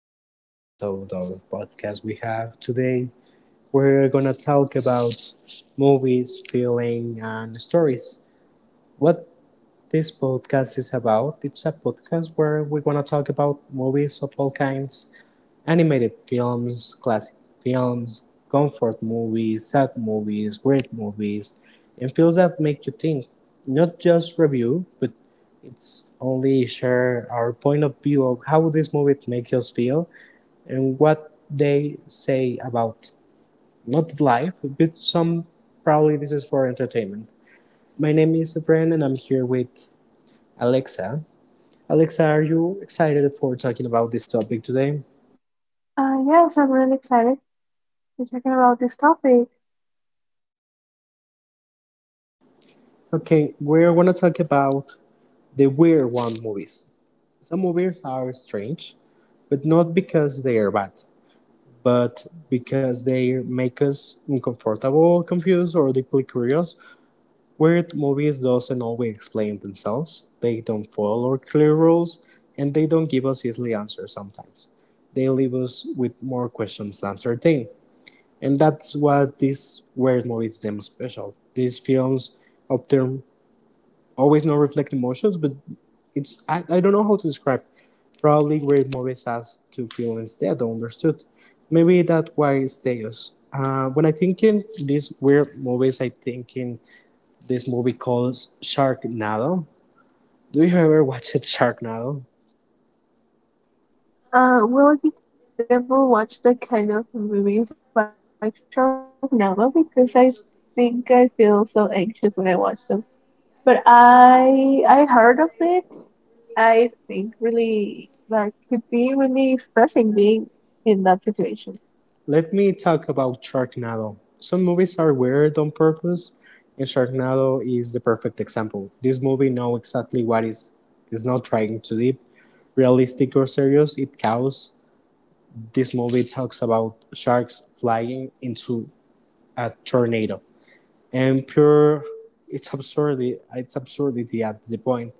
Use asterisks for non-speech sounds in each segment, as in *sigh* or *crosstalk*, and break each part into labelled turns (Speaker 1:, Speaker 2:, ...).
Speaker 1: this last episode of the podcast we have today. We're gonna talk about movies, feeling, and stories. What this podcast is about? It's a podcast where we're gonna talk about movies of all kinds. Animated films, classic films, comfort movies, sad movies, great movies, and films that make you think. Not just review, but it's only share our point of view of how this movie makes us feel and what they say about not life, but some probably this is for entertainment. My name is Efren and I'm here with Alexa. Alexa, are you excited for talking about this topic today?
Speaker 2: Yes, I'm really excited to talking about this topic.
Speaker 1: Okay, we're gonna talk about they were one movies. Some movies are strange, but not because they are bad, but because they make us uncomfortable, confused, or deeply curious. Weird movies doesn't always explain themselves. They don't follow clear rules, and they don't give us easily answers sometimes. They leave us with more questions than certain. And that's what these weird movies them special. These films often always not reflect emotions, but it's I don't know how to describe. Probably where movies has to feel instead or understood. Maybe that's why it stays. When I think in these weird movies, I think in this movie called Sharknado. Do you ever watch it, Sharknado?
Speaker 2: Well, I think I've never watched that kind of movies like Sharknado because I think I feel so anxious when I watch them. But I heard of it. I think really that could be really stressing being in that situation.
Speaker 1: Let me talk about Sharknado. Some movies are weird on purpose, and Sharknado is the perfect example. This movie know exactly what is not trying to be realistic or serious. It cows. This movie talks about sharks flying into a tornado, and pure its absurdity at the point.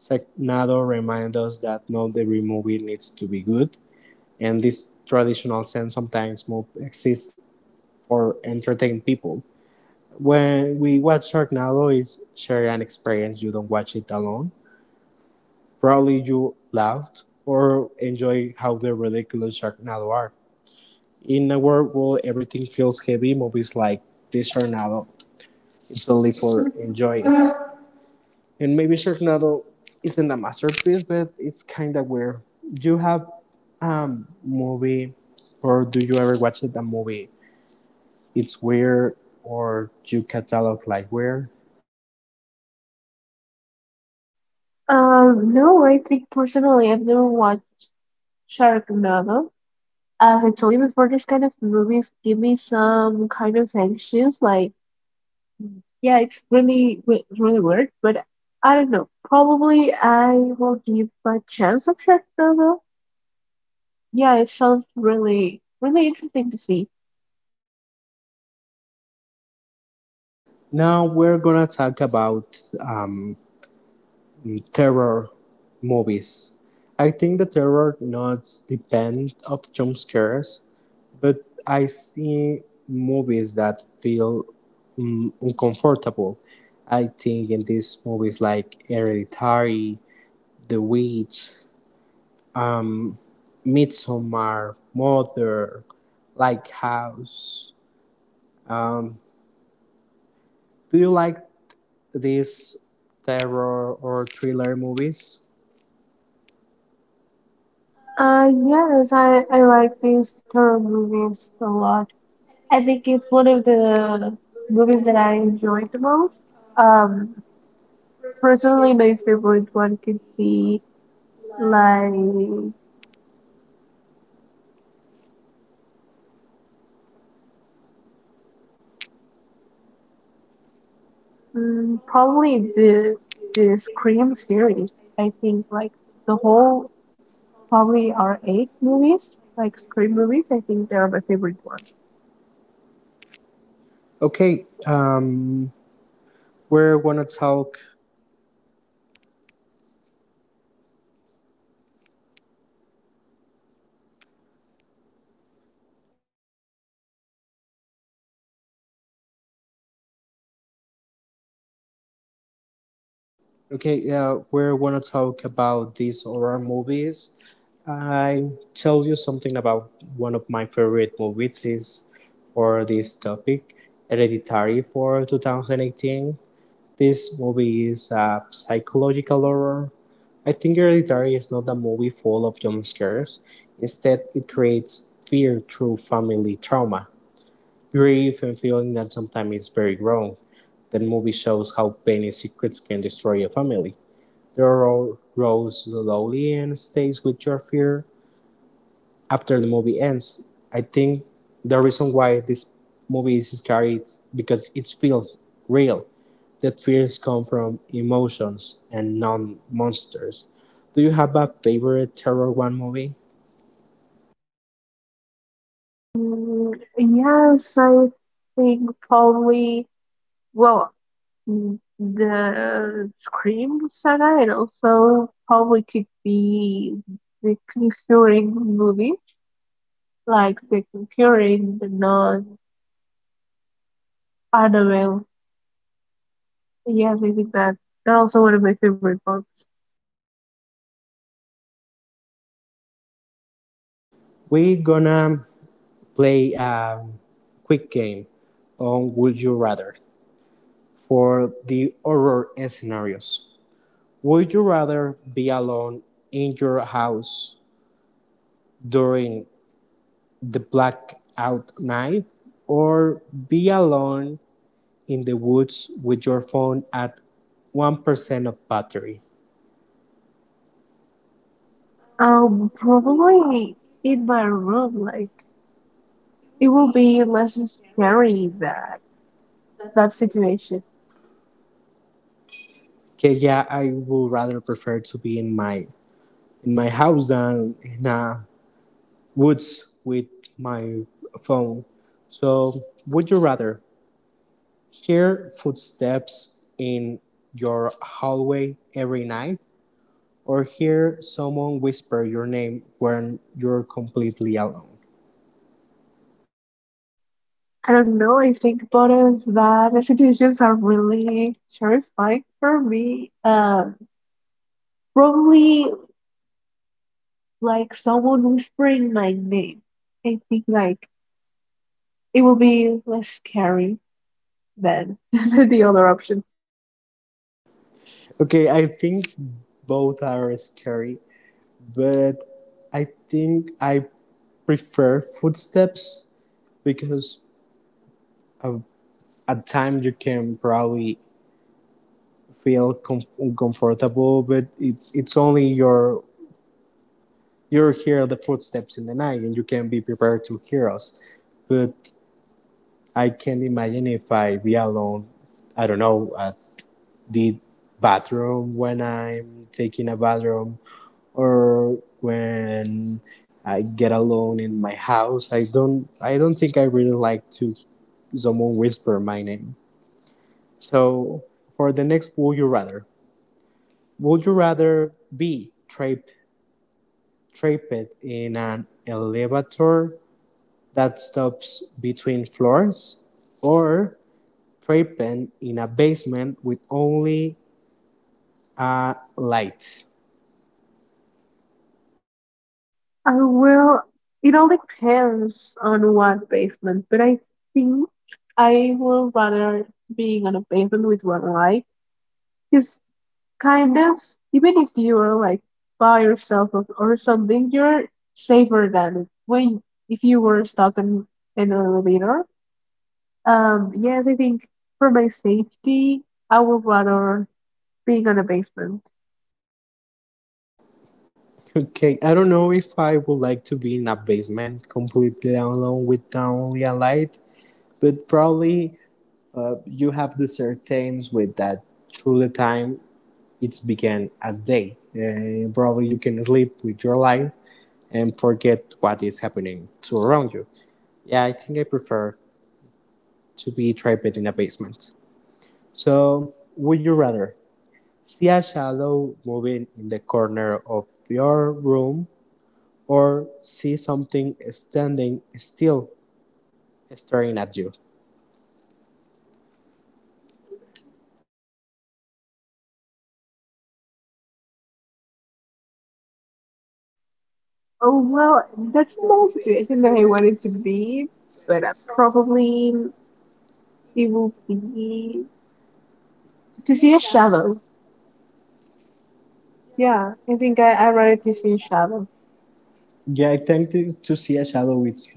Speaker 1: Sharknado reminds us that not every movie needs to be good, and this traditional sense sometimes exists for entertain people. When we watch Sharknado, it's share an experience. You don't watch it alone. Probably you laughed or enjoy how the ridiculous Sharknado are. In a world where everything feels heavy, movies like this Tornado, it's only for enjoy it. And maybe Sharknado isn't a masterpiece, but it's kind of weird. Do you have a movie, or do you ever watch it, a movie? It's weird, or do you catalog like weird.
Speaker 2: No, I think personally I've never watched Sharknado. As I told you before, these kind of movies give me some kind of anxious like. Yeah, it's really, really weird, but I don't know. Probably I will give a chance of Sharknado. Yeah, it sounds really, really interesting to see.
Speaker 1: Now we're gonna talk about terror movies. I think the terror not depend of jump scares, but I see movies that feel uncomfortable. I think in these movies like Hereditary, The Witch, um, Midsommar, Mother, like House. Um, do you like these terror or thriller movies?
Speaker 2: Yes, I like these horror movies a lot. I think it's one of the movies that I enjoy the most. Um, Personally, my favorite one could be like probably the Scream series. I think like the whole probably are eight movies, like Scream movies. I think they're my favorite one.
Speaker 1: Okay, um, we're gonna talk. Okay, yeah, we're gonna talk about these horror movies. I tell you something about one of my favorite movies is for this topic, Hereditary for 2018. This movie is a psychological horror. I think Hereditary is not a movie full of jump scares. Instead, it creates fear through family trauma, grief, and feeling that sometimes is very wrong. The movie shows how pain and secrets can destroy a family. The road rolls slowly and stays with your fear after the movie ends. I think the reason why this movie is scary is because it feels real. That fears come from emotions and non monsters. Do you have a favorite Terror One movie?
Speaker 2: Mm, yes, I think probably, well, the Scream saga and also probably could be the Conjuring movies like The Conjuring, The Nun, Annabelle. Yes, I think that they're also one of my favorite books.
Speaker 1: We're gonna play a quick game on Would You Rather for the horror scenarios. Would you rather be alone in your house during the blackout night or be alone in the woods with your phone at 1% of battery?
Speaker 2: Probably in my room, like it will be less scary than that situation.
Speaker 1: Okay, yeah, I would rather prefer to be in my house than in a woods with my phone. So, would you rather hear footsteps in your hallway every night or hear someone whisper your name when you're completely alone?
Speaker 2: I don't know, I think both of that the situations are really terrifying for me. Probably like someone whispering my name. I think like it will be less scary than *laughs* the other option.
Speaker 1: Okay, I think both are scary, but I think I prefer footsteps because uh, at time you can probably feel com- uncomfortable, but it's only your you hear the footsteps in the night and you can be prepared to hear us. But I can't imagine if I be alone. I don't know at the bathroom when I'm taking a bathroom or when I get alone in my house. I don't think I really like to someone whisper my name. So for the next would you rather? Would you rather be trapped in an elevator that stops between floors or trapped in a basement with only a light?
Speaker 2: I will, it all depends on what basement, but I think I will rather being on a basement with one eye. Because kind of even if you're like by yourself or something you're safer than when if you were stuck in an elevator. Yes, I think for my safety I would rather being in a basement.
Speaker 1: Okay, I don't know if I would like to be in a basement completely alone with only a light, but probably you have the certains with that through the time it's began at day. Probably you can sleep with your light and forget what is happening to around you. Yeah, I think I prefer to be trapped in a basement. So, would you rather see a shadow moving in the corner of your room or see something standing still staring at you?
Speaker 2: Oh well, that's not a situation that I wanted to be, but probably it will be to see a shadow. Yeah, I think I rather to see a shadow.
Speaker 1: Yeah, I think to see a shadow it's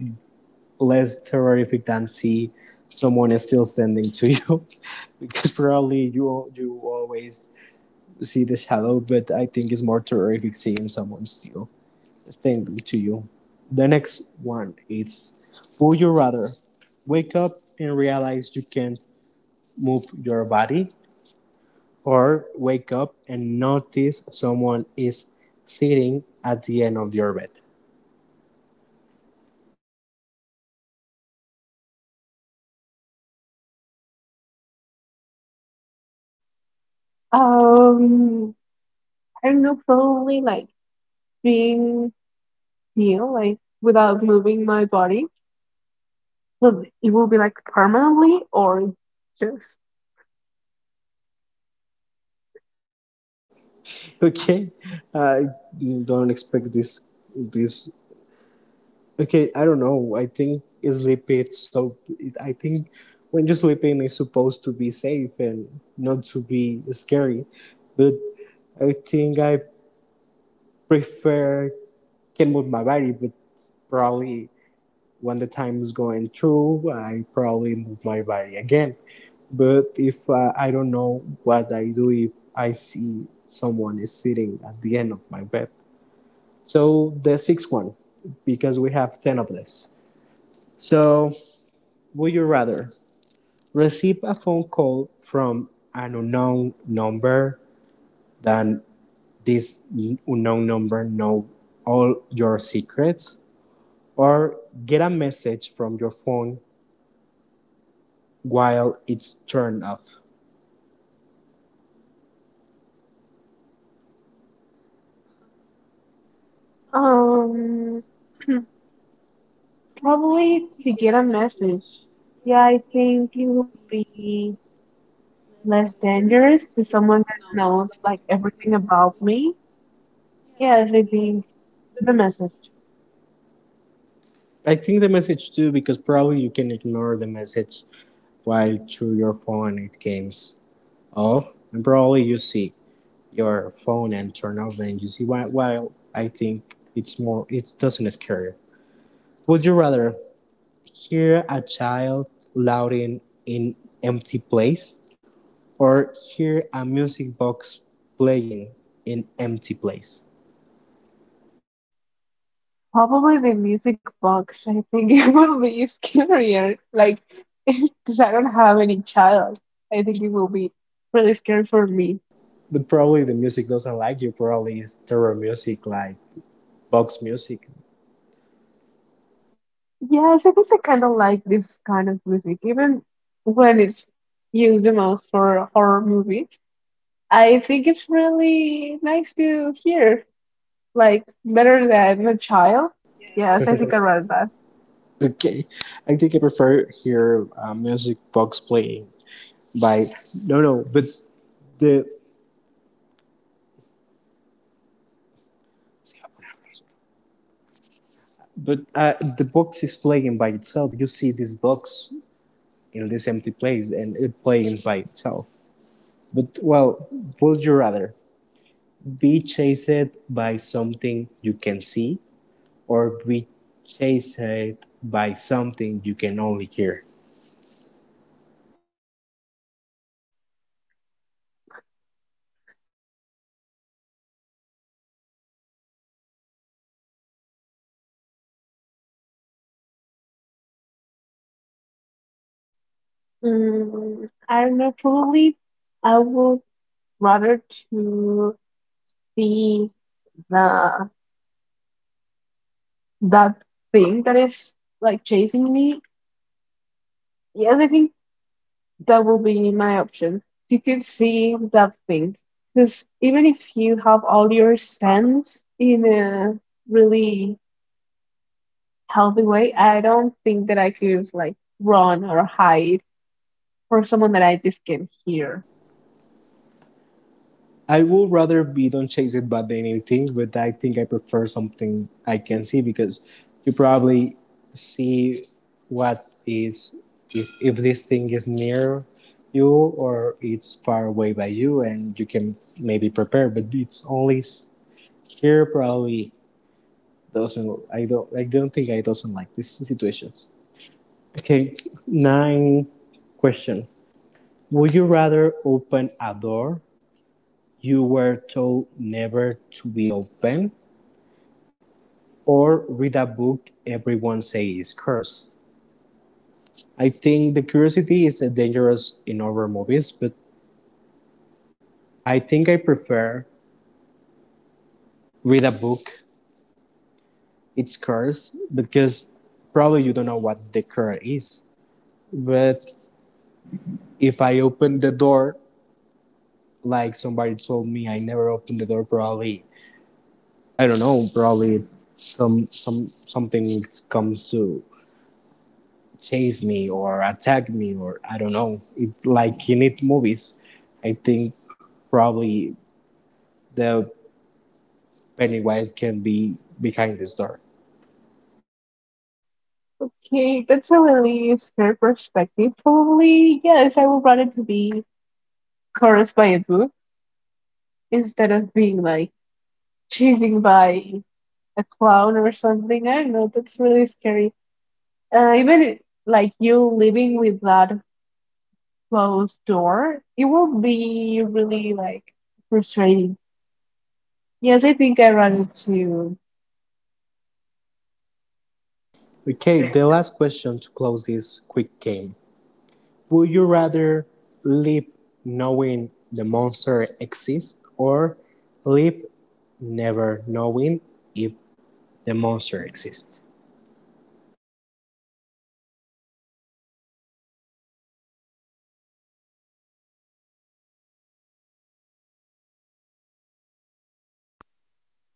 Speaker 1: less terrific than see someone is still standing to you *laughs* because probably you you always see the shadow, but I think it's more terrific seeing someone still standing to you. The next one is, would you rather wake up and realize you can't move your body, or wake up and notice someone is sitting at the end of your bed? *laughs*
Speaker 2: um I don't know, probably like being heal, like without moving my body? Will it will be like permanently or just...
Speaker 1: Okay, I don't expect this. This okay. I don't know. I think sleep is so. It, I think when you're sleeping, it's supposed to be safe and not to be scary. But I think I prefer can move my body, but probably when the time is going through, I probably move my body again. But if I don't know what I do if I see someone is sitting at the end of my bed. So the sixth one, because we have 10 of this. So would you rather receive a phone call from an unknown number than this unknown number know all your secrets, or get a message from your phone while it's turned off?
Speaker 2: um probably to get a message. Yeah, I think it will be less dangerous to someone that knows like everything about me. Yes, I think the message.
Speaker 1: I think the message too, because probably you can ignore the message while through your phone it comes off and probably you see your phone and turn off and you see while I think it's more it doesn't scare you. Would you rather hear a child shouting in empty place or hear a music box playing in empty place?
Speaker 2: Probably the music box. I think *laughs* it will be scarier. Like, *laughs* because I don't have any child. I think it will be really scary for me.
Speaker 1: But probably the music doesn't like you, probably it's terror music like box music.
Speaker 2: Yes, I think I kind of like this kind of music, even when it's used the most for horror movies. I think it's really nice to hear, like better than a child. Yes, I think I rather that.
Speaker 1: Okay. I think I prefer hear a music box playing by no no but the but the box is playing by itself, you see this box in this empty place and it playing by itself. But well, would you rather be chased by something you can see, or be chased by something you can only hear?
Speaker 2: Mm, I don't know, probably I would rather to be the that thing that is like chasing me. Yes, I think that will be my option. You could see that thing. Because even if you have all your sense in a really healthy way, I don't think that I could like run or hide for someone that I just can't hear.
Speaker 1: I would rather be Don't Chase It Bad than anything, but I think I prefer something I can see because you probably see what is, if this thing is near you or it's far away by you, and you can maybe prepare, but it's only s- here probably doesn't, I don't think I doesn't like these situations. Okay, nine question. Would you rather open a door you were told never to be open or read a book everyone says is cursed? I think the curiosity is dangerous in horror movies, but I think I prefer read a book. It's cursed because probably you don't know what the curse is. But if I open the door, like somebody told me, I never opened the door. Probably I don't know. Probably some something comes to chase me or attack me or I don't know. It's like in it movies, I think probably the Pennywise can be behind this door.
Speaker 2: Okay, that's a really scary perspective. Probably, yes, I would rather to be cursed by a book instead of being like chasing by a clown or something. I don't know, that's really scary. Even like you living with that closed door, it will be really like frustrating. Yes, I think I run into.
Speaker 1: Okay, the last question to close this quick game. Would you rather live knowing the monster exists or live never knowing if the monster exists?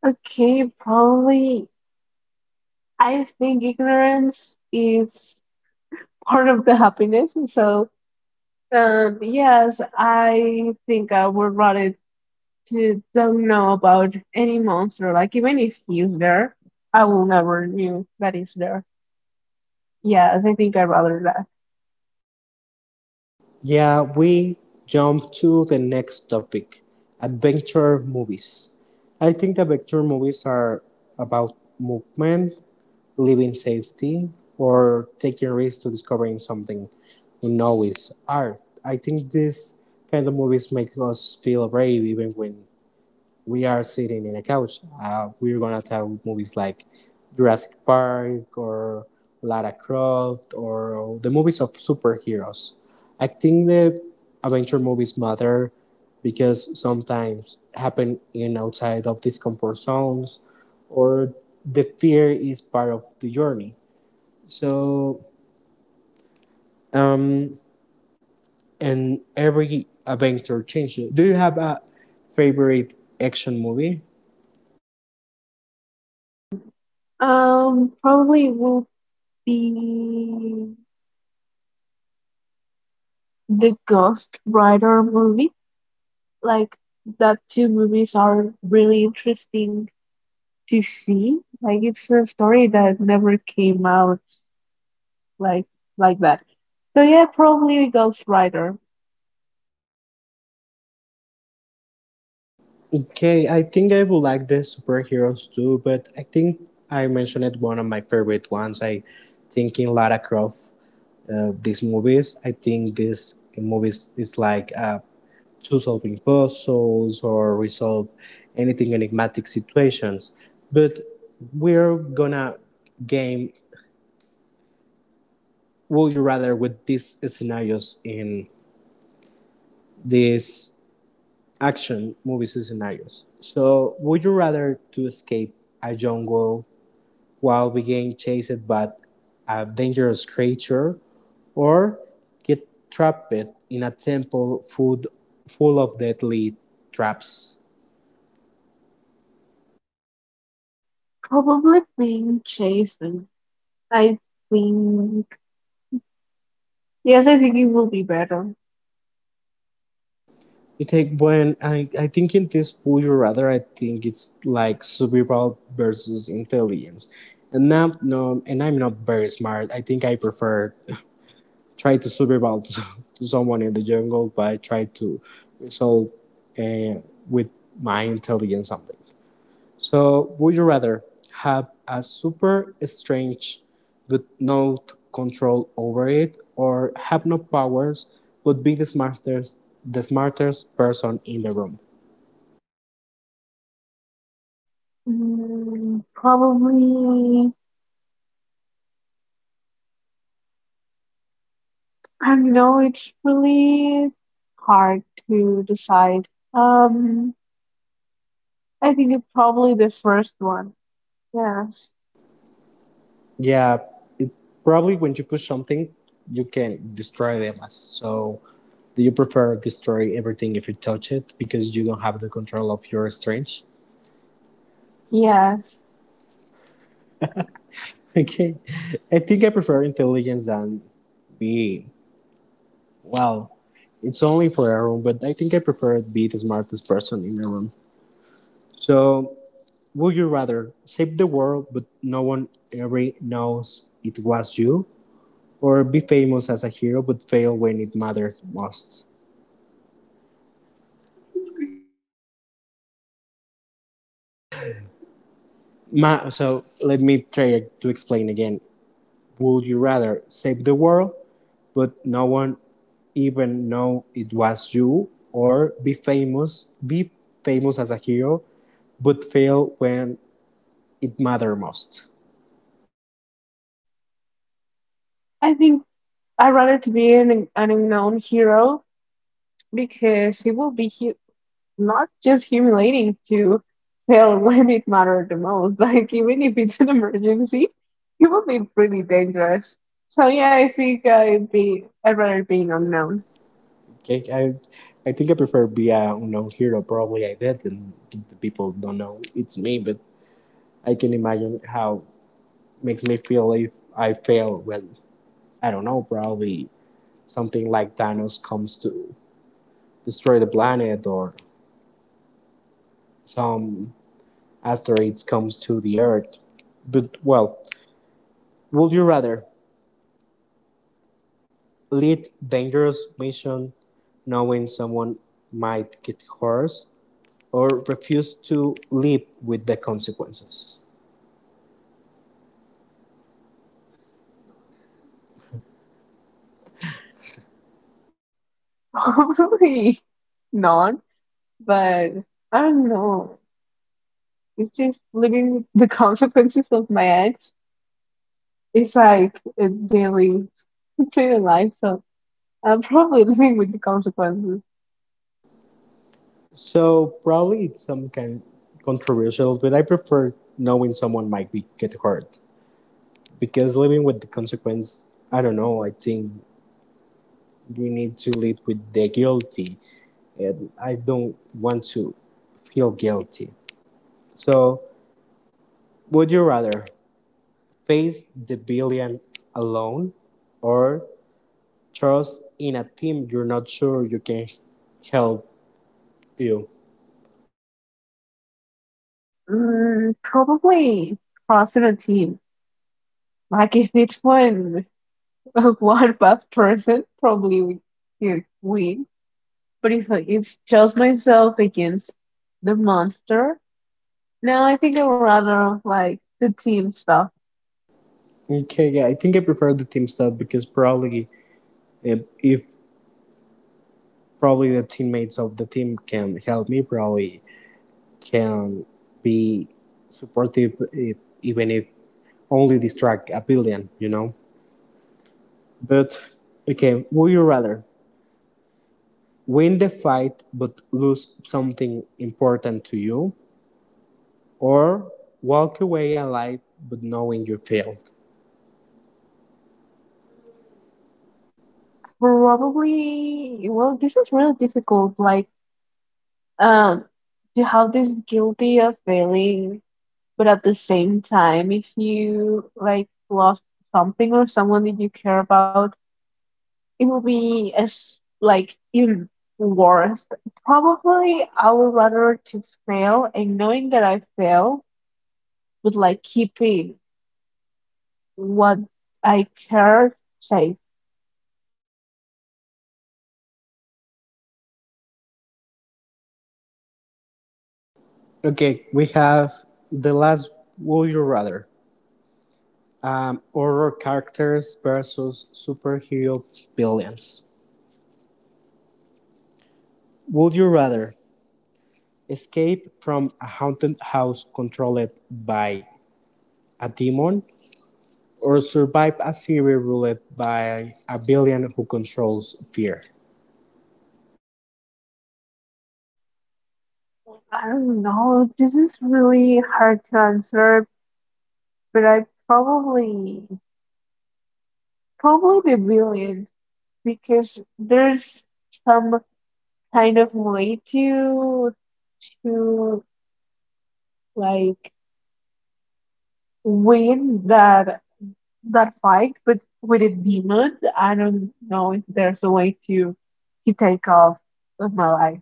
Speaker 2: Okay, probably. I think ignorance is part of the happiness. And So, yes, I think I would rather to don't know about any monster. Like even if he's there, I will never knew that he's there. Yes, I think I'd rather that.
Speaker 1: Yeah, we jump to the next topic adventure movies. I think adventure movies are about movement, living safety, or taking risks to discovering something we know is art. I think these kind of movies make us feel brave even when we are sitting in a couch. We're gonna talk movies like Jurassic Park or Lara Croft or the movies of superheroes. I think the adventure movies matter because sometimes happen in outside of these comfort zones or the fear is part of the journey. So um and every adventure changes. Do you have a favorite action movie?
Speaker 2: Probably will the the Ghost Rider movie. Like that two movies are really interesting to see. Like it's a story that never came out like like that. So yeah, probably Ghost Rider.
Speaker 1: Okay, I think I would like the superheroes too, but I think I mentioned one of my favorite ones. I think in Lara Croft, these movies, I think this movies is like to solving puzzles or resolve anything enigmatic situations. But we're gonna game would you rather with these scenarios in these action movies scenarios. So would you rather to escape a jungle while being chased by a dangerous creature, or get trapped in a temple food full of deadly traps.
Speaker 2: Probably being Jason. I think yes, I think it will be better.
Speaker 1: You take when I think in this Puyo rather I think it's like survival versus intelligence. And I'm no and I'm not very smart. I think I prefer *laughs* try to to someone in the jungle but I try to resolve uh, with my intelligence something. So, would you rather have a super strange but no control over it, or have no powers but be the smartest person in the room?
Speaker 2: Mm, probably I don't know, it's really hard to decide. Um I think it's probably the first one. Yes.
Speaker 1: Yeah, probably when you push something, you can destroy them. So, do you prefer destroy everything if you touch it because you don't have the control of your strength? *laughs*
Speaker 2: Yes.
Speaker 1: Okay, I think I prefer intelligence than be Well, it's only for a room, but I think I prefer to be the smartest person in the room. So, would you rather save the world but no one ever knows it was you, or be famous as a hero but fail when it matters most? So, let me try to explain again. Would you rather save the world but no one even know it was you, or be famous as a hero but fail when it matters most?
Speaker 2: I think I'd rather to be an unknown hero because he will be hu not just humiliating to fail when it mattered the most. *laughs* Like even if it's an emergency, he will be pretty dangerous. So yeah, I think I'd rather be an unknown.
Speaker 1: Okay, I think I prefer be a unknown hero. Probably I did, and the people don't know it's me. But I can imagine how makes me feel if I fail. Well, I don't know, probably something like Thanos comes to destroy the planet, or some asteroids comes to the Earth. But well, would you rather lead dangerous mission, knowing someone might get hurt, or refuse to live with the consequences?
Speaker 2: *laughs* Probably not, but I don't know. It's just living with the *laughs* consequences of my actions. It's like a daily, daily life. So I'm probably *laughs* living with the consequences.
Speaker 1: So probably it's some kind controversial, but I prefer knowing someone might be get hurt because living with the consequence. I don't know. I think we need to live with the guilty, and I don't want to feel guilty. So would you rather face the billion alone, or trust in a team you're not sure you can help you?
Speaker 2: Mm, probably crossing a team. Like if it's one *laughs* one bad person, probably we you win. But if I- it's just myself against the monster, no, I think I'd rather like the team stuff.
Speaker 1: Okay, yeah, I think I prefer the team stuff because probably if probably the teammates of the team can help me probably can be supportive if, even if only distract a billion, but okay, would you rather win the fight but lose something important to you, or walk away alive but knowing you failed?
Speaker 2: Probably. Well, this is really difficult. Like um, you have this guilty of failing. But at the same time, if you like lost something or someone that you care about, it will be as like even worse. Probably I would rather to fail and knowing that I fail, but like keeping what I care safe.
Speaker 1: Okay, we have the last. Would you rather horror characters versus superhero villains? Would you rather escape from a haunted house controlled by a demon, or survive a series ruled by a villain who controls fear?
Speaker 2: I don't know. This is really hard to answer, but I probably the million because there's some kind of way to to like win that that fight, but with a demon I don't know if there's a way to take off with my life.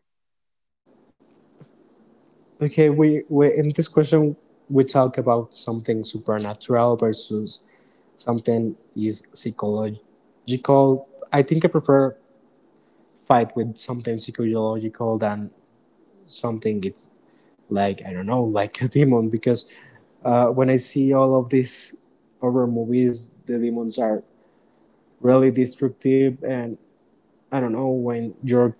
Speaker 1: Okay, we in this question we talk about something supernatural versus something is psychological. I think I prefer fight with something psychological than something it's like I don't know, *laughs* like a demon. Because when I see all of these horror movies, the demons are really destructive, and I don't know when you're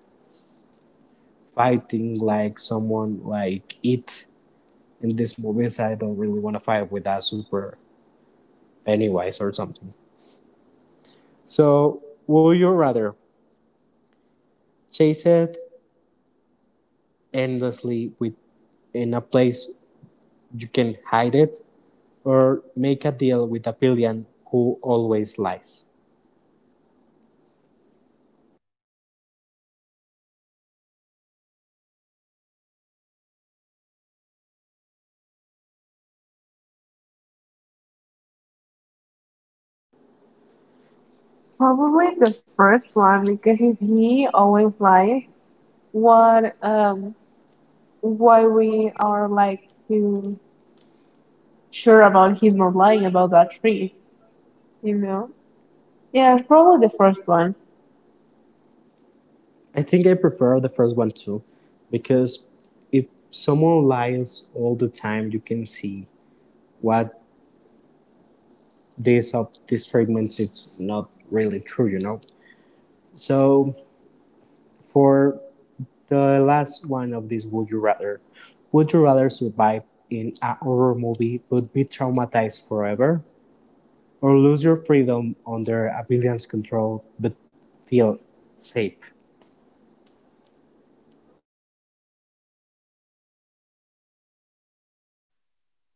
Speaker 1: fighting like someone like it in these movies. I don't really want to fight with that super Pennywise or something. So, would you rather chase it endlessly with in a place you can hide it, or make a deal with a villain who always lies?
Speaker 2: Probably the first one because if he always lies, what why we are like too sure about him not lying about that tree, you know? Yeah, it's probably the first one.
Speaker 1: I think I prefer the first one too, because if someone lies all the time, you can see what this of these treatments it's not really true, you know. So for the last one of these, would you rather? Would you rather survive in a horror movie but be traumatized forever, or lose your freedom under a villain's control but feel safe?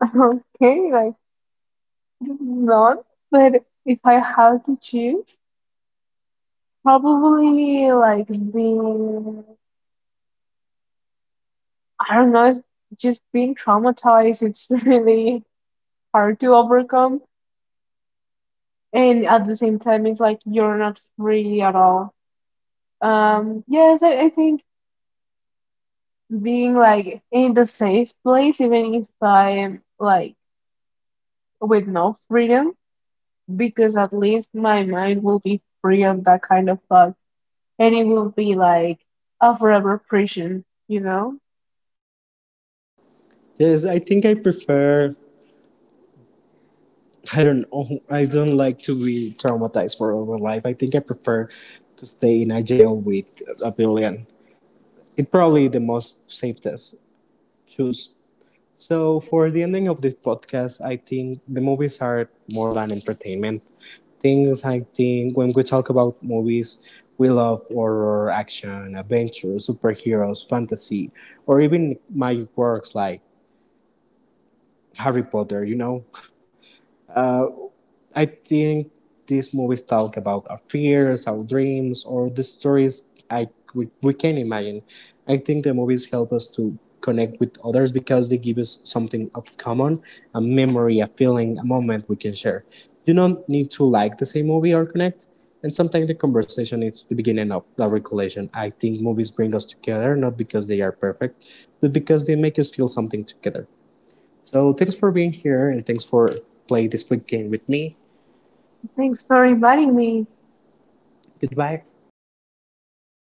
Speaker 2: *laughs* Okay, like, not, but if I had to choose, probably like being, I don't know, just being traumatized, it's *laughs* really hard to overcome. And at the same time, it's like you're not free at all. Yes, I think being like in the safe place, even if I'm like with no freedom, because at least my mind will be free of that kind of thought, and it will be like a forever prison, you know?
Speaker 1: Yes, I think I prefer, I don't know. I don't like to be traumatized for all my life. I think I prefer to stay in a jail with a billion. It's probably the most safest choose. So for the ending of this podcast, I think the movies are more than entertainment. Things I think when we talk about movies, we love horror, action, adventure, superheroes, fantasy, or even my works like Harry Potter, you know. Uh, I think these movies talk about our fears, our dreams, or the stories we can imagine. I think the movies help us to connect with others because they give us something of common, a memory, a feeling, a moment we can share. You don't need to like the same movie or connect. And sometimes the conversation is the beginning of the recollection. I think movies bring us together not because they are perfect, but because they make us feel something together. So thanks for being here and thanks for playing this quick game with me.
Speaker 2: Thanks for inviting me.
Speaker 1: Goodbye.